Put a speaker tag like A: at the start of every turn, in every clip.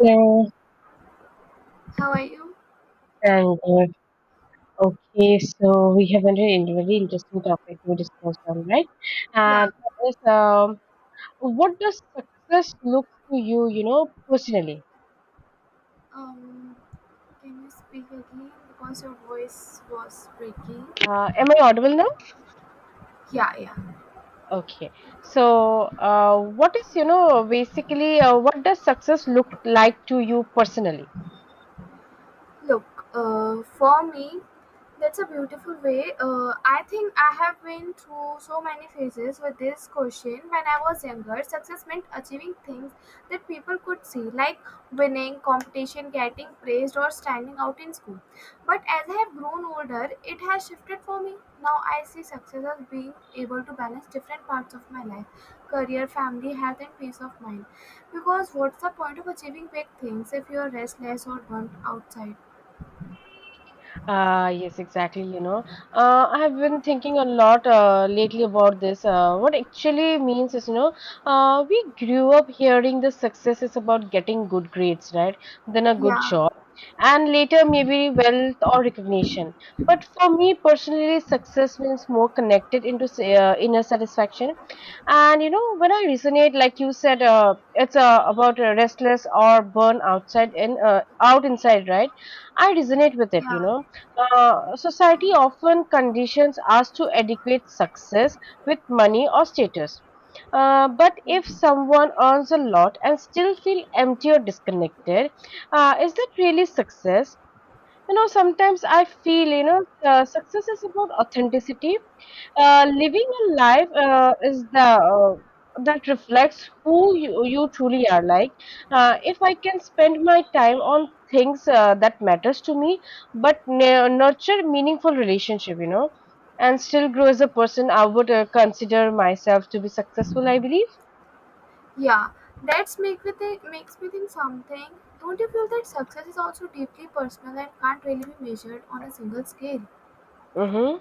A: Yes,
B: How are you?
A: and okay, so we have a very very interesting topic to discuss on, right? And
B: Yeah.
A: that is, what does success look to you, you know, personally?
B: Um, can you speak again? Because your voice was breaking.
A: Am I audible now?
B: Yeah, yeah.
A: Okay. So, what is, you know, basically, what does success look like to you personally?
B: Look, for me, that's a beautiful way. I think I have been through so many phases with this question. When I was younger, success meant achieving things that people could see, like winning, competition, getting praised, or standing out in school. But as I have grown older, it has shifted for me. Now I see success as being able to balance different parts of my life: career, family, health, and peace of mind. Because what's the point of achieving big things if you are restless or burnt outside?
A: Yes, exactly. You know, I have been thinking a lot lately about this. What actually means is, you know, we grew up hearing the success is about getting good grades, right? Then a good
B: Yeah,
A: job, and later maybe wealth or recognition. But for me personally, success means more connected into inner satisfaction. And you know, when I resonate, like you said, it's about restless or burn outside and out inside, right? I resonate with it,
B: yeah,
A: you know uh, Society often conditions us to educate success with money or status. But if someone earns a lot and still feel empty or disconnected, is that really success? You know, sometimes I feel, you know, success is about authenticity, living a life is the uh, that reflects who you truly are, like if I can spend my time on things that matters to me, but nurture meaningful relationship, you know, and still grow as a person, I would consider myself to be successful, I believe.
B: yeah. That's make me think Makes me think something. Don't you feel that success is also deeply personal and can't really be measured on a single scale?
A: Mm-hmm.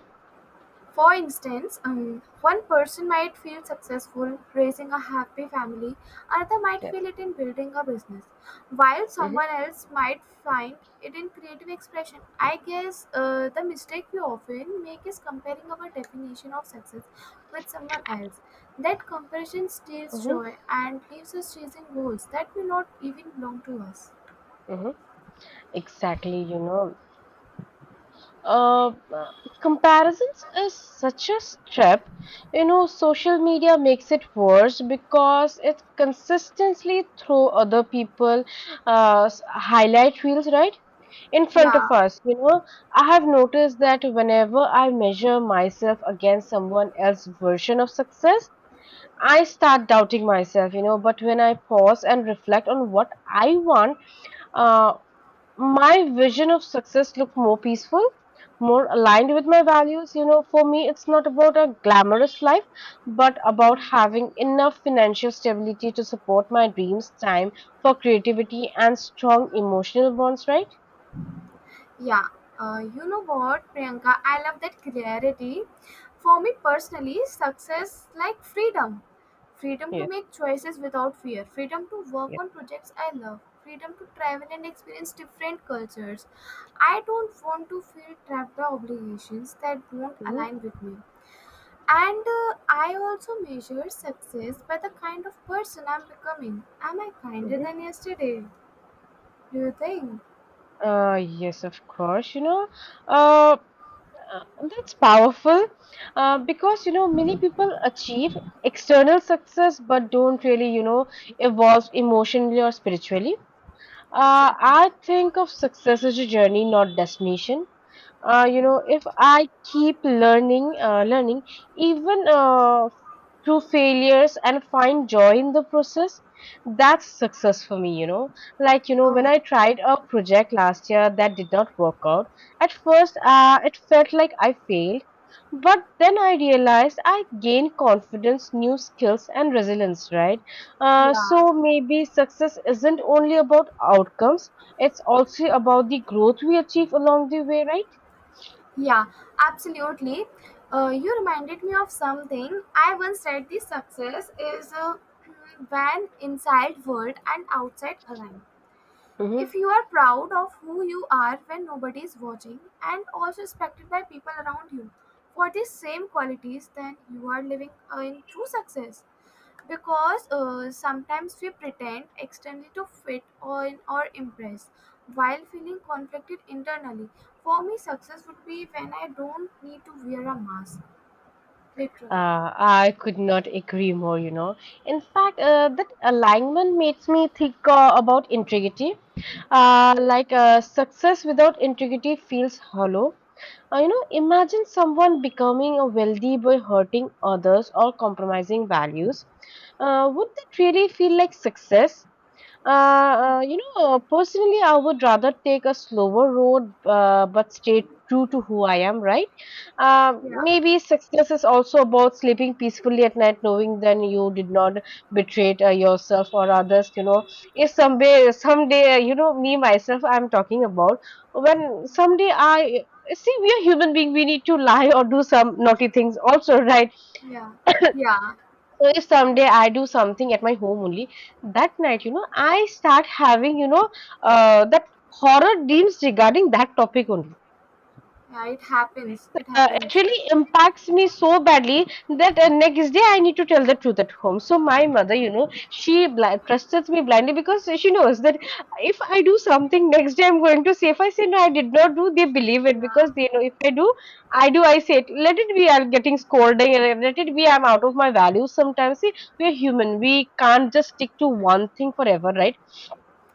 B: For instance, one person might feel successful raising a happy family, another might
A: Yes.
B: feel it in building a business, while
A: Mm-hmm.
B: someone else might find it in creative expression. I guess the mistake we often make is comparing our definition of success with someone else. That comparison steals
A: Mm-hmm.
B: joy and leaves us chasing goals that may not even belong to us.
A: Mm-hmm. Exactly, you know, uh, uh, comparisons is such a step. You know, social media makes it worse because it consistently throw other people highlight reels, right, in front of
B: Yeah.
A: us. You know, I have noticed that whenever I measure myself against someone else's version of success, I start doubting myself. You know, but when I pause and reflect on what I want, uh, my vision of success look more peaceful, more aligned with my values. You know, for me it's not about a glamorous life, but about having enough financial stability to support my dreams, time for creativity and strong emotional bonds, right?
B: Yeah, you know what, Priyanka, I love that clarity. For me personally, success like freedom. Freedom to
A: Yes,
B: make choices without fear, freedom to work
A: yes.
B: on projects I love, freedom to travel and experience different cultures. I don't want to feel trapped by obligations that don't
A: Hmm.
B: align with me. And I also measure success by the kind of person I'm becoming. Am I kinder
A: Hmm.
B: than yesterday? Do you think?
A: Yes, of course, you know, uh, that's powerful, because, you know, many people achieve external success but don't really, you know, evolve emotionally or spiritually.
B: Exactly.
A: I think of success as a journey, not destination. You know, if I keep learning, learning even through failures and find joy in the process, that's success for me. You know, like, you know, when
B: Oh,
A: I tried a project last year that did not work out, at first it felt like I failed, but then I realized I gained confidence, new skills, and resilience. Right,
B: yeah.
A: so maybe success isn't only about outcomes, it's also about the growth we achieve along the way, right?
B: Yeah, absolutely. You reminded me of something. I once said the success is when inside world and outside align.
A: Hmm.
B: If you are proud of who you are when nobody is watching and also respected by people around you for these same qualities, then you are living in true success, because sometimes we pretend externally to fit on or impress while feeling conflicted internally. For me success would be when I don't need to wear a mask literally.
A: I could not agree more, you know. In fact, that alignment makes me think about integrity. Like, success without integrity feels hollow. You know, imagine someone becoming a wealthy by hurting others or compromising values. Would that really feel like success? You know, personally, I would rather take a slower road, but stay true to who I am, right?
B: Yeah.
A: Maybe success is also about sleeping peacefully at night, knowing that you did not betray yourself or others. You know, if someday, you know, me myself, I'm talking about, when someday I see we are human being, we need to lie or do some naughty things also, right?
B: Yeah. Yeah.
A: So if someday I do something at my home only, that night, you know, I start having, you know, that horror dreams regarding that topic only.
B: Yeah, it happens, it
A: It
B: happens.
A: really impacts me so badly that next day I need to tell the truth at home. So my mother, you know, she trusts me blindly, because she knows that if I do something, next day I'm going to say. If I say no, I did not do, they believe it, because
B: Yeah,
A: they know if I do, I do. I say it. Let it be. I'm getting scolded. And let it be. I'm out of my values. Sometimes, see, we're human. We can't just stick to one thing forever, right?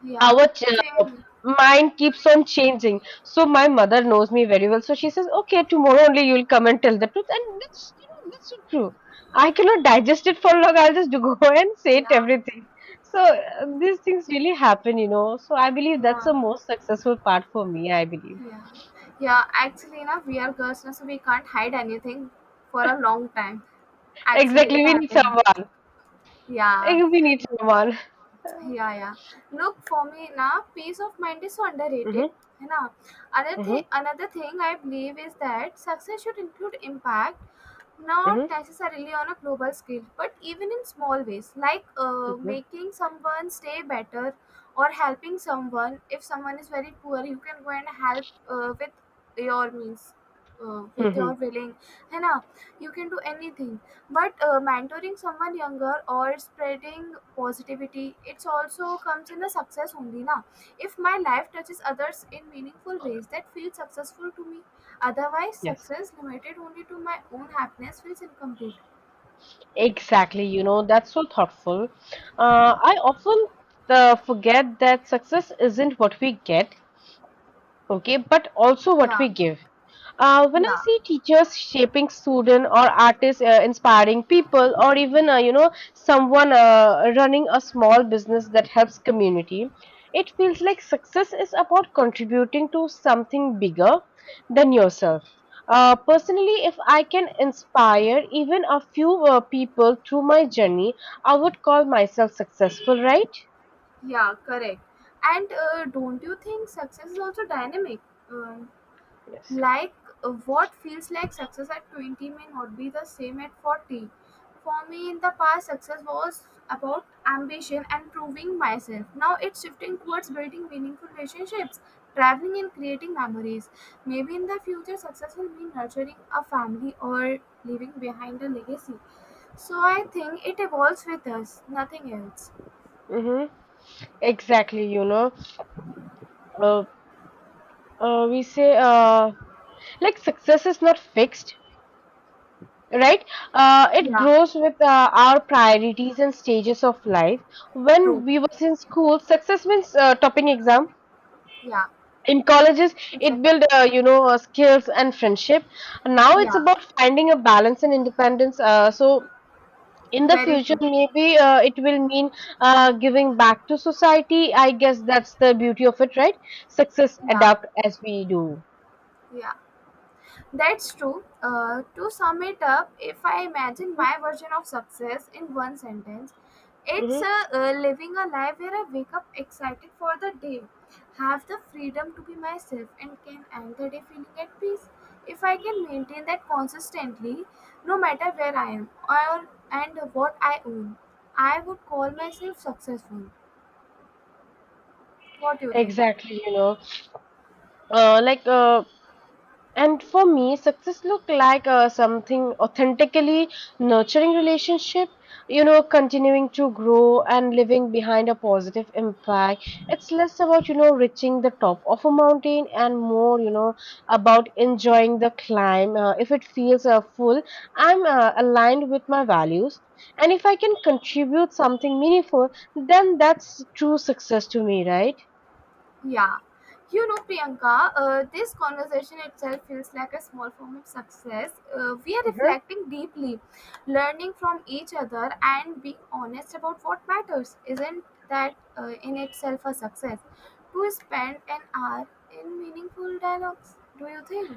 B: yeah.
A: Our uh,
B: Same.
A: mind keeps on changing. So my mother knows me very well. So she says, "Okay, tomorrow only you'll come and tell the truth." And that's, you know, that's so true. I cannot digest it for long. I'll just go and say it
B: Yeah,
A: everything. So these things really happen, you know. So I believe
B: yeah,
A: that's the most successful part for me, I believe.
B: yeah, yeah, actually na, we are girls na, so we can't hide anything for a long time. Actually
A: Exactly.
B: it
A: We need
B: happened.
A: someone.
B: Yeah,
A: Eh, we need someone.
B: yeah, yeah. Look, for me na, peace of mind is so underrated.
A: Mm-hmm,
B: है ना? Another
A: mm-hmm,
B: thing, I believe is that success should include impact, not
A: mm-hmm,
B: necessarily on a global scale, but even in small ways, like
A: mm-hmm,
B: making someone's day better or helping someone. If someone is very poor, you can go and help with your means. With your
A: mm-hmm.
B: willing, है ना? You can do anything. But mentoring someone younger or spreading positivity, it's also comes in a success only, na? If my life touches others in meaningful ways, that feels successful to me. Otherwise,
A: Yes.
B: success limited only to my own happiness feels incomplete.
A: Exactly, you know, that's so thoughtful. I often forget that success isn't what we get, okay, but also what
B: Yeah,
A: we give. When I
B: yeah,
A: see teachers shaping student or artists inspiring people, or even you know, someone running a small business that helps community, it feels like success is about contributing to something bigger than yourself. Personally, if I can inspire even a few people through my journey, I would call myself successful, right?
B: yeah, correct. And don't you think success is also dynamic? Um,
A: Yes.
B: like what feels like success at 20 may not be the same at 40. For me, in the past, success was about ambition and proving myself. Now it's shifting towards building meaningful relationships, traveling, and creating memories. Maybe in the future, success will mean nurturing a family or leaving behind a legacy. So I think it evolves with us, nothing else.
A: Mm-hmm. Exactly, you know. Uh, we say, like success is not fixed, right? It
B: Yeah,
A: grows with our priorities and stages of life. When
B: true.
A: we was in school, success means topping exam.
B: Yeah,
A: In colleges, it
B: exactly.
A: build skills and friendship. Now it's
B: Yeah,
A: about finding a balance and independence. So in the
B: very
A: future,
B: true.
A: maybe it will mean giving back to society, I guess that's the beauty of it, right? Success
B: Yeah,
A: adapt as we do.
B: yeah. That's true. To sum it up, if I imagine my version of success in one sentence, it's
A: Mhm.
B: living a life where I wake up excited for the day, have the freedom to be myself, and can end the day feeling at peace. If I can maintain that consistently, no matter where I am or and what I own, I would call myself successful. What do you think?
A: Exactly, you know, uh, like, uh, and for me, success look like something authentically nurturing relationship, you know, continuing to grow and living behind a positive impact. It's less about, you know, reaching the top of a mountain, and more, you know, about enjoying the climb. If it feels full, I'm aligned with my values. And if I can contribute something meaningful, then that's true success to me, right?
B: Yeah, you know, Priyanka, this conversation itself feels like a small form of success. We are reflecting deeply, learning from each other, and being honest about what matters. Isn't that in itself a success? To spend an hour in meaningful dialogues, do you think?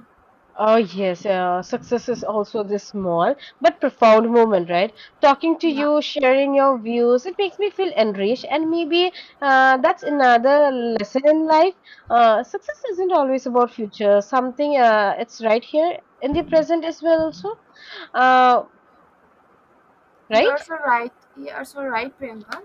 A: Oh, yes. Success is also this small but profound moment, right? Talking to
B: Yeah.
A: you, sharing your views, it makes me feel enriched. And maybe that's another lesson in life. Success isn't always about future. Something it's right here in the present as well, also. Uh, right?
B: You're so right. You're so right, Priyanka.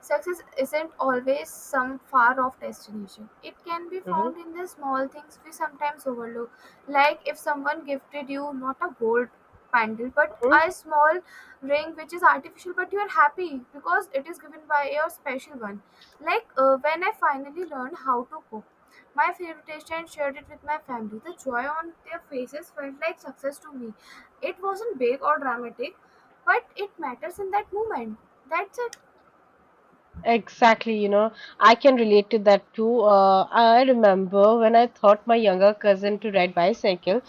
B: Success isn't always some far off destination. It can be found
A: Hmm.
B: in the small things we sometimes overlook. Like if someone gifted you not a gold pendant but
A: Hmm.
B: a small ring which is artificial but you're happy because it is given by your special one. Like when I finally learned how to cook. My favorite dish and shared it with my family. The joy on their faces felt like success to me. It wasn't big or dramatic, but it matters in that moment. That's it.
A: Exactly, you know, I can relate to that too. I remember when I taught my younger cousin to ride bicycle.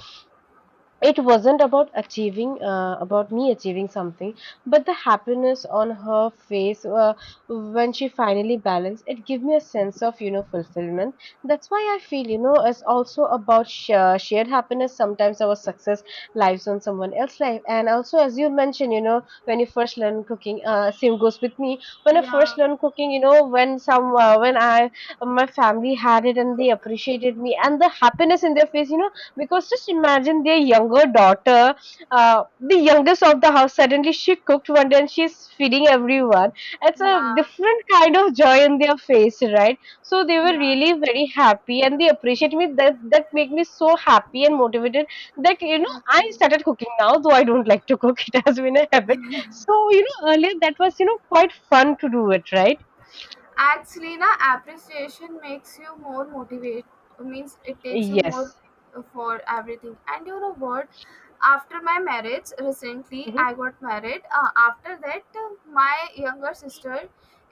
A: It wasn't about achieving, about me achieving something, but the happiness on her face when she finally balanced it gave me a sense of, you know, fulfillment. That's why I feel, you know, it's also about shared happiness. Sometimes our success lives on someone else's life. And also, as you mentioned, you know, when you first learn cooking, same goes with me. When I first
B: Yeah,
A: learned cooking, you know, when some when I my family had it and they appreciated me, and the happiness in their face, you know, because just imagine their younger daughter, the youngest of the house, suddenly she cooked one day and she's feeding everyone. It's a
B: yeah,
A: different kind of joy in their face, right? So they were
B: yeah,
A: really very happy and they appreciate me. That made me so happy and motivated, that, you know, I
B: actually.
A: started cooking now, though I don't like to cook. It has been a habit. So you know, earlier that was, you know, quite fun to do it, right?
B: Actually na, appreciation makes you more motivate. Means it takes you more
A: Yes.
B: for everything. And you know what? After my marriage, recently
A: Hmm.
B: I got married. After that, my younger sister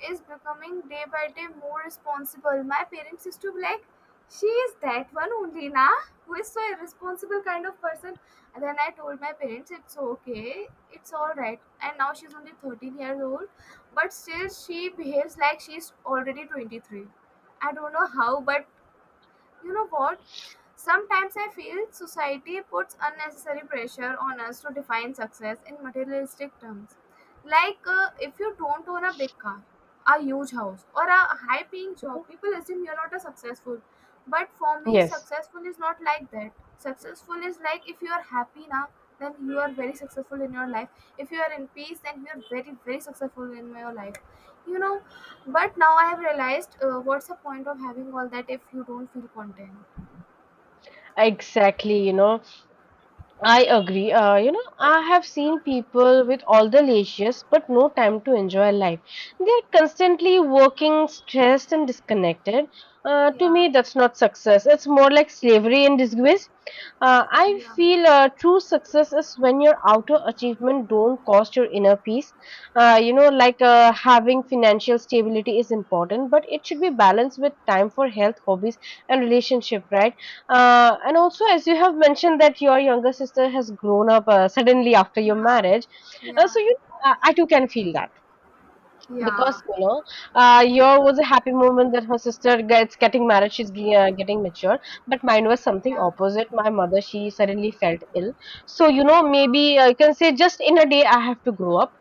B: is becoming day by day more responsible. My parents used to be like, "She is that one only, na, who is so irresponsible kind of person." And then I told my parents, "It's okay, it's all right." And now she's only 13 years old but still she behaves like she's already 23. I don't know how, but you know what? Sometimes I feel society puts unnecessary pressure on us to define success in materialistic terms. Like if you don't own a big car, a huge house, or a high paying job, people assume you're not a successful. But for me,
A: Yes.
B: successful is not like that. Successful is like if you are happy now, then you are very successful in your life. If you are in peace, then you are very, very successful in your life. You know, but now I have realized what's the point of having all that if you don't feel content?
A: Exactly, you know, I agree. You know, I have seen people with all the leisures but no time to enjoy life. They're constantly working, stressed, and disconnected.
B: Yeah,
A: To me, that's not success. It's more like slavery and disgrace. Uh, I
B: yeah,
A: feel uh, true success is when your outer achievement don't cost your inner peace. You know, like, having financial stability is important, but it should be balanced with time for health, hobbies, and relationship, right? And also, as you have mentioned that your younger sister has grown up suddenly after your
B: yeah,
A: marriage,
B: yeah,
A: so you, I too can feel that, because
B: yeah,
A: you know, your was a happy moment that her sister gets getting married, she's getting mature, but mine was something
B: yeah,
A: opposite. My mother, she suddenly felt ill, so, maybe you can say just in a day I have to grow up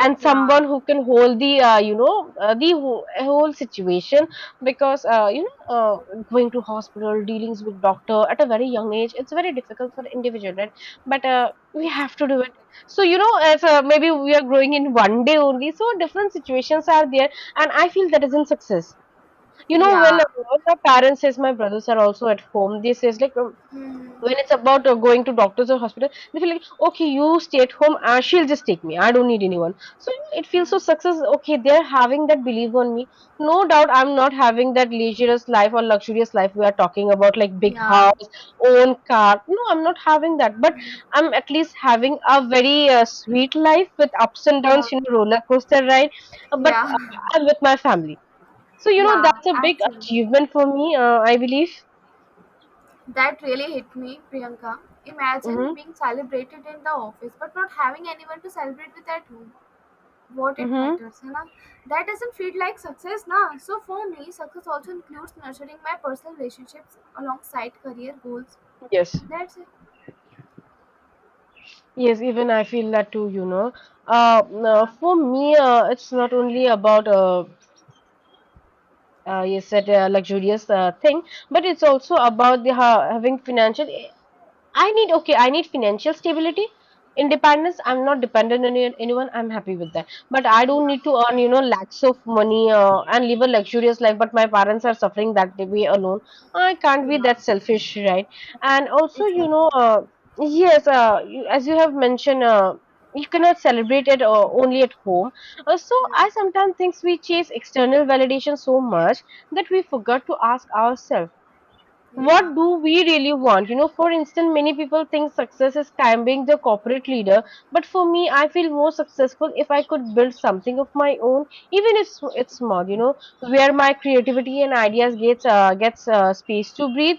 A: and
B: yeah.
A: someone who can hold the the whole situation because going to hospital dealings with doctor at a very young age, it's very difficult for individual, right? But we
B: It's
A: have to do it.
B: correct.
A: So as maybe we are growing in one day only, so different situations are there. And I feel that is in success. You know,
B: Yeah.
A: when my parents says, my brothers are also at home, they says like
B: Hmm.
A: when it's about going to doctors or hospital, they feel like, okay, you stay at home, she'll just take me, I don't need anyone. So, it feels so success, okay, they're having that belief on me. No doubt, I'm not having that leisureous life or luxurious life. We are talking about like big
B: Yeah.
A: house, own car. No, I'm not having that, but I'm at least having a very sweet life with ups and
B: Yeah. Yeah.
A: downs, roller coaster ride. But
B: Yeah.
A: I'm with my family, so
B: Yeah.
A: that's a big
B: Actually,
A: achievement for me, I believe.
B: that really hit me, Priyanka. Imagine
A: Mm-hmm.
B: being celebrated in the office but not having anyone to celebrate with at home. What it
A: Mm-hmm.
B: matters, है ना? That doesn't feel like success ना. So for me success also includes nurturing my personal relationships alongside career goals.
A: Yes.
B: That's it.
A: Yes, even I feel that too, you know. No,
B: Yeah,
A: for me, it's not only about you said luxurious thing, but it's also about the ha having financial. I need, okay, I need financial stability, independence. I'm not dependent on anyone. I'm happy with that. But I
B: yeah,
A: don't need to earn, you know, lakhs of money and live a luxurious life. But my parents are suffering that way alone. I can't be
B: yeah,
A: that selfish, right? And also, you know,
B: exactly.
A: yes, as you have mentioned. You cannot celebrate it only at home. So I
B: Yeah,
A: sometimes think we chase external validation so much that we forgot to ask ourselves,
B: yeah,
A: what do we really want? You know, for instance, many people think success is climbing the corporate leader, but for me, I feel more successful if I could build something of my own, even if it's small, you know, where my creativity and ideas gets space to breathe,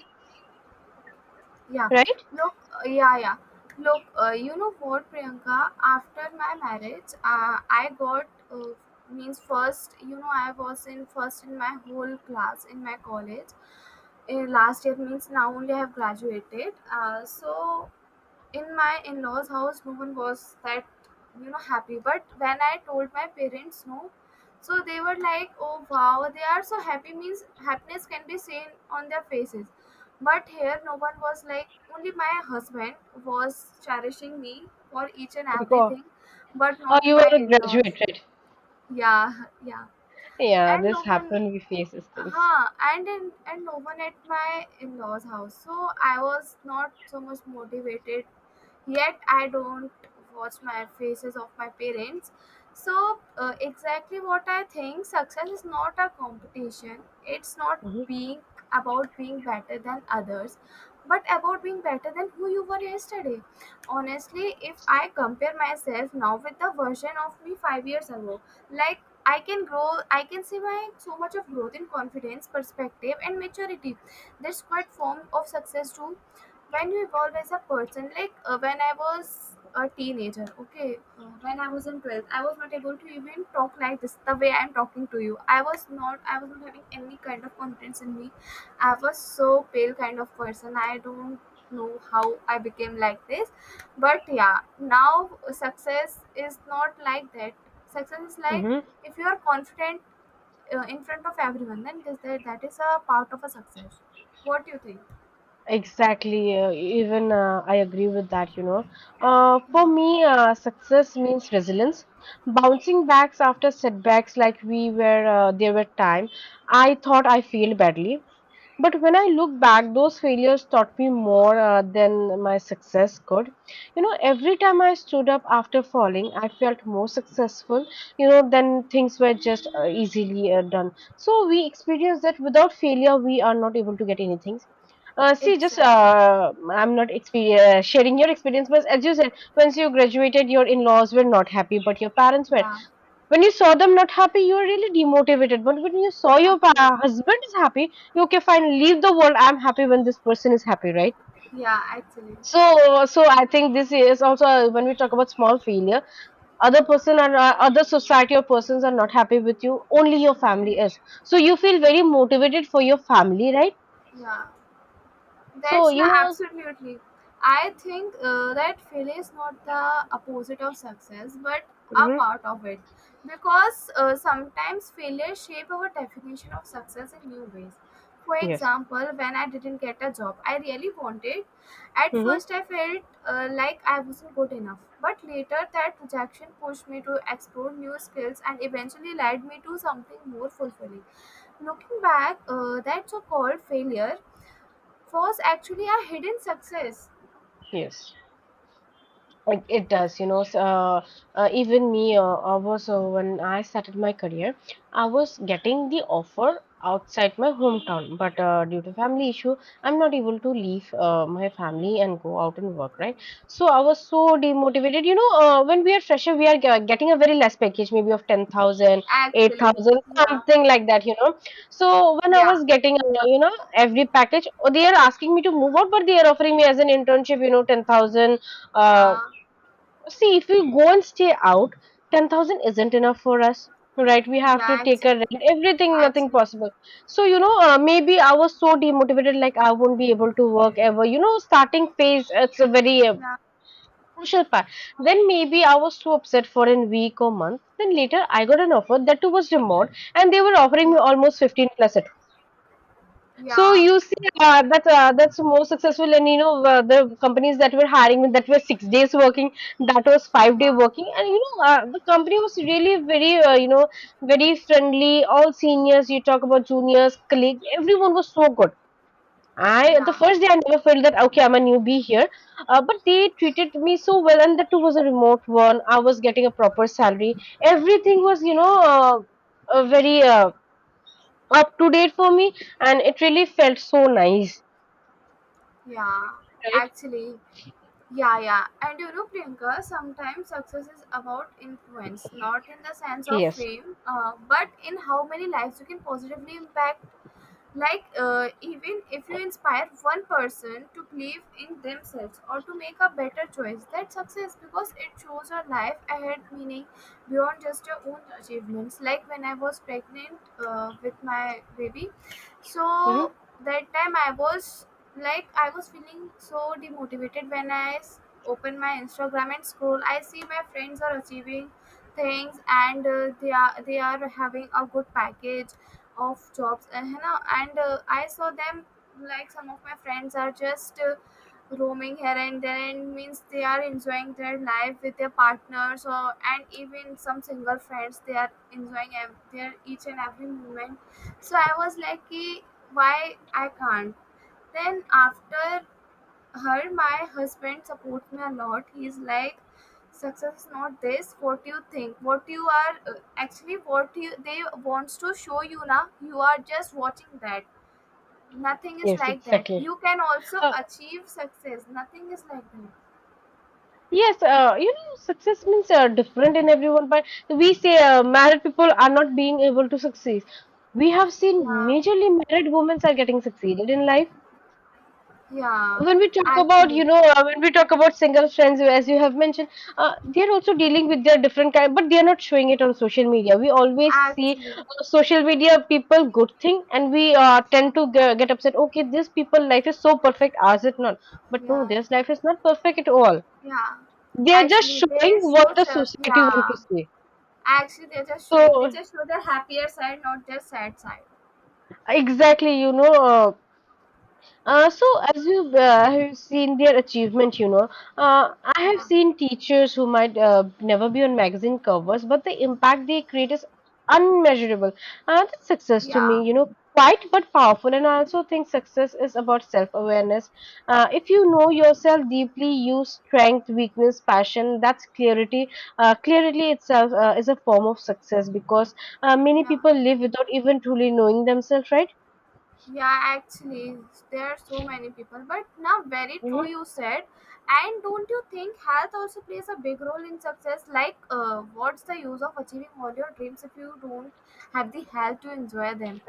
B: yeah.
A: right?
B: Look, yeah, yeah. Look, you know what, Priyanka, after my marriage I got means first you know I was in first in my whole class in my college in last year, means now only I have graduated. So in my in-laws house no one was that you know happy, but when I told my parents, no, so they were like, oh wow, they are so happy, means happiness can be seen on their faces, but here no one was like, only my husband was cherishing me for each and
A: Because,
B: everything, but
A: oh,
B: not
A: you
B: my
A: are a
B: in-laws.
A: graduate, right?
B: Yeah, yeah.
A: Yeah,
B: And no
A: this
B: one.
A: happen, we face these things.
B: Huh. And no one at my in-laws house, so I was not so much motivated yet. I don't watch my faces of my parents. So exactly what I think, success is not a competition. It's not
A: Hmm.
B: being about being better than others, but about being better than who you were yesterday. Honestly, if I compare myself now with the version of me 5 years ago, like I can grow, I can see my so much of growth in confidence, perspective and maturity. That's quite form of success too. When you evolve as a person, like when I was a teenager, okay, when I was in 12th I was not able to even talk like this, the way I'm talking to you. I was not having any kind of confidence in me. I was so pale kind of person. I don't know how I became like this. But yeah, now success is not like that. Success is like,
A: Hmm.
B: if you are confident in front of everyone, then that is a part of a success. What do you think?
A: Exactly. Even I agree with that, you know. For me, success means resilience. Bouncing backs after setbacks, like we were, there were time I thought I failed badly. But when I look back, those failures taught me more than my success could. You know, every time I stood up after falling, I felt more successful, you know, then things were just easily done. So we experience that without failure, we are not able to get anything. See, just
B: Exactly,
A: I'm not sharing your experience, but as you said, once you graduated, your in-laws were not happy, but your parents were.
B: yeah.
A: When you saw them not happy, you were really demotivated. But when you saw your
B: Actually,
A: husband is happy, you okay, fine, leave the world. I'm happy when this person is happy, right?
B: yeah, actually,
A: So, so I think this is also when we talk about small failure, other
B: yeah,
A: person or other society or persons are not happy with you. Only your family is. So you feel
B: yeah,
A: very motivated for your family, right?
B: yeah.
A: So
B: That's
A: you
B: not
A: know.
B: absolutely. I think that failure is not the opposite of success, but a
A: Hmm.
B: part of it, because sometimes failure shape our definition of success in new ways. For
A: Yes.
B: example, when I didn't get a job I really wanted, at
A: Mm-hmm.
B: first I felt like I wasn't good enough. But later, that rejection pushed me to explore new skills and eventually led me to something more fulfilling. Looking back, that so called failure was actually a hidden success.
A: Yes, it does, you know. Even me, I was when I started my career, I was getting the offer outside my hometown, but due to family issue, I'm not able to leave my family and go out and work, right? So I was so demotivated. You know, when we are fresher, we are getting a very less package, maybe of 10,000, eight
B: Actually,
A: thousand,
B: yeah,
A: something like that, you know. So when I
B: yeah,
A: was getting, you know, every package, oh, they are asking me to move out, but they are offering me as an internship, you know, 10,000.
B: yeah,
A: See, if we go and stay out, 10,000 isn't enough for us, right? We have to
B: yeah,
A: take
B: actually,
A: a rent, everything, nothing
B: actually,
A: possible. So, you know, maybe I was so demotivated, like I won't be able to work ever. You know, starting phase, it's a very
B: yeah,
A: crucial part. Then maybe I was so upset for a week or month. Then later I got an offer that too was remote, and they were offering me
B: yeah,
A: almost 15 plus. So
B: yeah,
A: you see, that's more successful, and you know the companies that were hiring me that were 6 days working, that was 5 day
B: yeah,
A: working, and you know the company was really very very friendly. All seniors, you talk about juniors, colleagues, everyone was so good. I the
B: yeah,
A: first day I never felt that okay I'm a newbie here, but they treated me so well, and that too was a remote one. I was getting a proper salary. Everything was very. Up to date for me, and it really felt so nice,
B: yeah,
A: right?
B: actually, yeah, yeah. And you know, Priyanka, sometimes success is about influence, not in the sense of
A: Yes.
B: fame, but in how many lives you can positively impact. Like even if you inspire one person to believe in themselves or to make a better choice, that's success because it shows a life ahead meaning beyond just your own achievements. Like when I was pregnant with my baby,
A: Hmm.
B: so that time I was like, I was feeling so demotivated when open my Instagram and scroll, I see my friends are achieving things, and they are having a good package of jobs, and I saw them, like some of my friends are just roaming here and there, and means they are enjoying their life with their partners or, and even some single friends, they are enjoying their each and every moment. So I was like, "Ki, why I can't?" Then after her, my husband supports me a lot. He's like, success is not this what you think, what you are, actually what you they wants to show you. Now you are just watching that. Nothing is
A: Yes,
B: like that.
A: exactly.
B: You can also
A: uh,
B: achieve success. Nothing is like that.
A: yes, you know, success means different in everyone, but we say married people are not being able to succeed. We have seen
B: Yeah,
A: majorly married women are getting succeeded in life.
B: yeah,
A: When we talk about, you
B: actually,
A: know, when we talk about single friends, as you have mentioned, they're also dealing with their different kind, but they're not showing it on social media. We always see
B: actually,
A: social media people good thing, and we tend to get upset, okay, this people life is so perfect, ours it not. But no,
B: yeah,
A: their life is not perfect at all.
B: yeah.
A: They're just
B: Actually they
A: showing
B: show
A: what the
B: just,
A: society want to
B: yeah,
A: see.
B: actually they're just showing, they
A: So
B: just show their happier side, not their sad side.
A: exactly, you know, so as you have seen their achievement, you know, I have
B: Yeah,
A: seen teachers who might never be on magazine covers, but the impact they create is unmeasurable. That's success to
B: yeah,
A: me, you know, quite but powerful. And I also think success is about self-awareness. If you know yourself deeply, you strength, weakness, passion, that's clarity. Clarity itself is a form of success because many
B: yeah.
A: people live without even truly knowing themselves, right?
B: Yeah, actually, there are so many people, but now very
A: Hmm.
B: true you said. And don't you think health also plays a big role in success? Like, what's the use of achieving all your dreams if you don't have the health to enjoy them?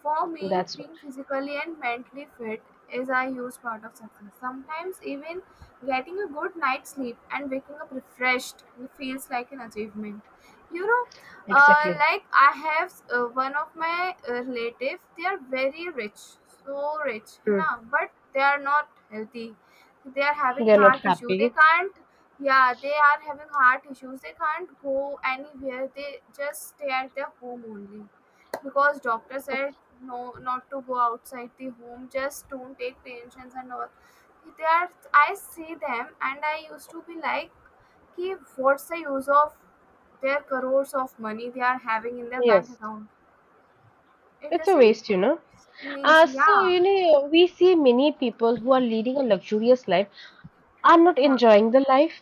B: For me,
A: That's what
B: being physically and mentally fit is a huge part of success. Sometimes even getting a good night's sleep and waking up refreshed feels like an achievement. You know,
A: exactly.
B: like I have one of my relative, they are very rich, so rich, you
A: Mm.
B: know, but they are not healthy. They are having
A: They're not
B: heart issue. They
A: happy.
B: can't. Yeah, they are having heart issues. They can't go anywhere. They just stay at their home only because doctor said no, not to go outside the home. Just don't take tensions and all. They are, I see them, and I used to be like, कि what's the use of their crores of money they are having in their bank
A: Yes.
B: account? It
A: It's a
B: doesn't
A: waste, you know.
B: means,
A: So,
B: yeah,
A: you know, we see many people who are leading a luxurious life are not
B: yeah,
A: enjoying the life.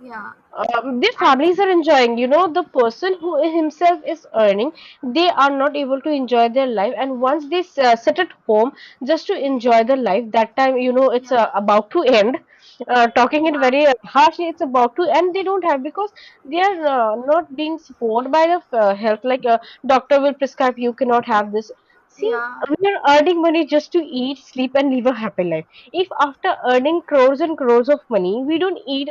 B: yeah,
A: Um, their families are
B: actually,
A: enjoying, you know, the person who himself is earning, they are not able to enjoy their life, and once they sit at home just to enjoy the life, that time, you know, it's
B: yeah,
A: about to end. Talking it
B: yeah,
A: very harshly, it's about to end. They don't have because they are not being supported by the health, like a doctor will prescribe you cannot have this. See,
B: yeah,
A: we are earning money just to eat, sleep, and live a happy life. If after earning crores and crores of money, we don't eat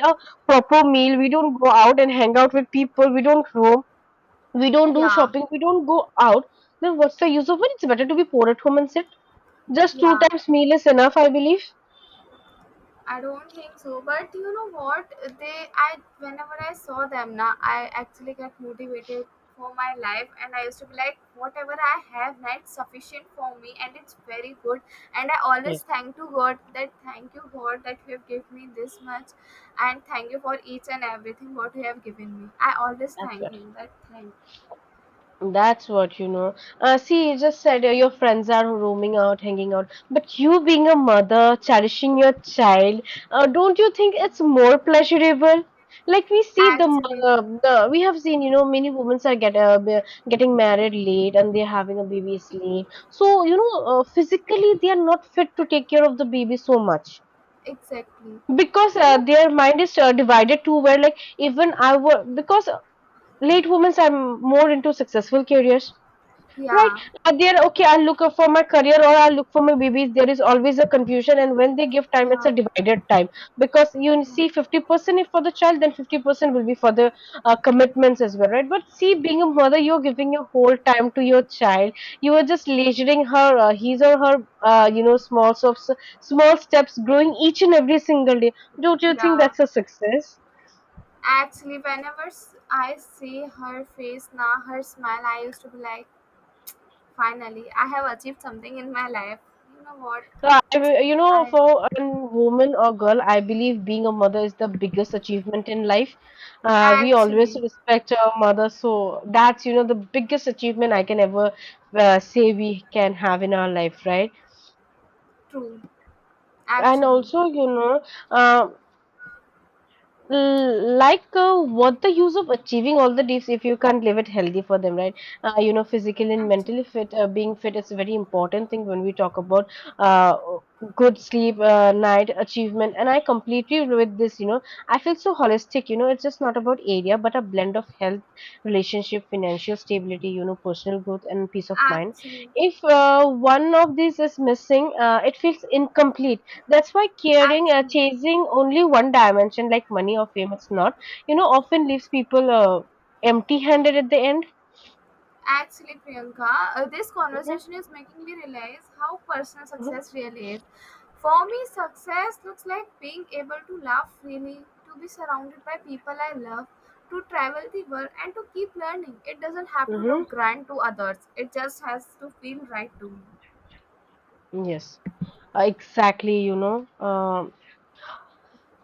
A: proper meal, we don't go out and hang out with people, we don't roam, we don't do
B: yeah,
A: shopping, we don't go out, then what's the use of it? It's better to be poor at home and sit. Just two
B: yeah.
A: times meal is enough, I believe.
B: I don't think so, but you know what? They, I whenever I saw them now, I actually get motivated for my life, and I used to be like, whatever I have now, it's sufficient for me, and it's very good. And I always
A: Yes,
B: thank to God that thank you God that you have given me this much, and thank you for each and everything what you have given me. I always
A: that's
B: thank Him that thank.
A: That's what you know. See, you just said your friends are roaming out, hanging out, but you being a mother, cherishing your child, don't you think it's more pleasurable? Like we see the,
B: Actually,
A: we have seen, you know, many women are getting married late, and they're having a baby late. So you know, physically they are not fit to take care of the baby so much
B: exactly.
A: because
B: You know,
A: their mind is divided to where, like even I were because late women are more into successful careers, right?
B: yeah,
A: They're okay, I'll look for my career or I'll look for my babies. There is always a confusion, and when they give time, it's a
B: yeah,
A: divided time because you
B: yeah,
A: see 50% if for the child, then 50% will be for the commitments as well, right? But see, being a mother, you're
B: yeah,
A: giving your whole time to your child. You are just leisuring her, his or her, small small steps growing each and every single day. Don't you think
B: yeah.
A: that's a success?
B: Actually, I see her face now, her smile, I used to be like, finally, I have achieved something in my life. You know what?
A: So you know,
B: I
A: for a woman or girl, I believe being a mother is the biggest achievement in life. We always
B: actually,
A: respect our mother, so that's, you know, the biggest achievement I can ever say we can have in our life, right?
B: true,
A: And
B: actually,
A: also, you know, uh, like what the use of achieving all the deeps if you can't live it healthy for them, right? You know, physically and
B: actually,
A: mentally fit, being fit is a very important thing. When we talk about, uh, good sleep, night achievement, and I completely agree with this, you know, I feel so holistic, you know. It's just not about area, but a blend of health, relationship, financial stability, you know, personal growth, and peace of mind.
B: actually,
A: If one of these is missing, it feels incomplete. That's why caring,
B: actually.
A: chasing only one dimension like money or fame, it's not, you know, often leaves people empty handed at the end.
B: Actually, Priyanka, this
A: Mhm.
B: conversation is making me realize how personal
A: Mm-hmm.
B: success really is. For me, success looks like being able to laugh freely, to be surrounded by people I love, to travel the world, and to keep learning. It doesn't have to look
A: Mm-hmm.
B: grand to others, it just has to feel right to me.
A: Yes. Exactly. You know, um,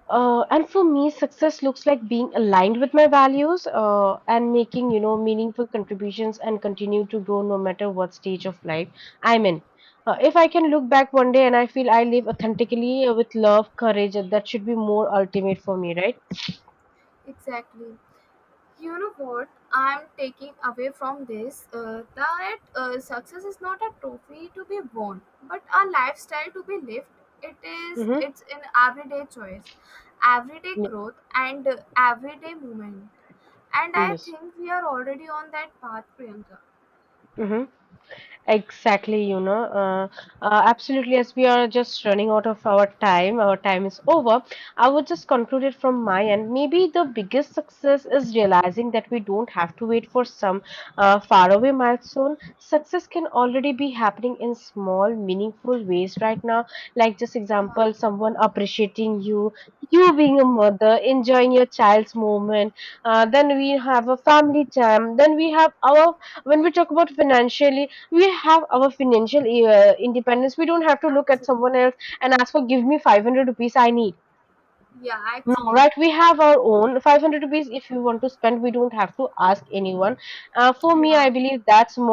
A: uh, and for me, success looks like being aligned with my values and making, you know, meaningful contributions and continue to grow no matter what stage of life I'm in.
B: Yeah,
A: If I can look back one day and I feel I live authentically with love, courage, that should be more ultimate for me, right?
B: exactly. You know what I'm taking away from this? That success is not a trophy to be won, but a lifestyle to be lived. It is.
A: Mm-hmm.
B: It's an everyday choice, everyday growth, and everyday movement. And I
A: Yes.
B: think we are already on that path, Priyanka.
A: Mhm. Exactly, you know, absolutely. As we are just running out of our time is over. I would just conclude it from my end. Maybe the biggest success is realizing that we don't have to wait for some faraway milestone. Success can already be happening in small, meaningful ways right now. Like, just
B: Yeah,
A: example, someone appreciating you, you being a mother, enjoying your child's moment. Then we have a family time. Then we have our, when we talk about financially, we have our financial independence. We don't have to look at
B: actually.
A: someone else and ask for, give me 500 rupees I need.
B: Yeah,
A: No,
B: actually.
A: right? We have our own 500 rupees. If you want to spend, we don't have to ask anyone. For me, I
B: Yeah.
A: believe that's more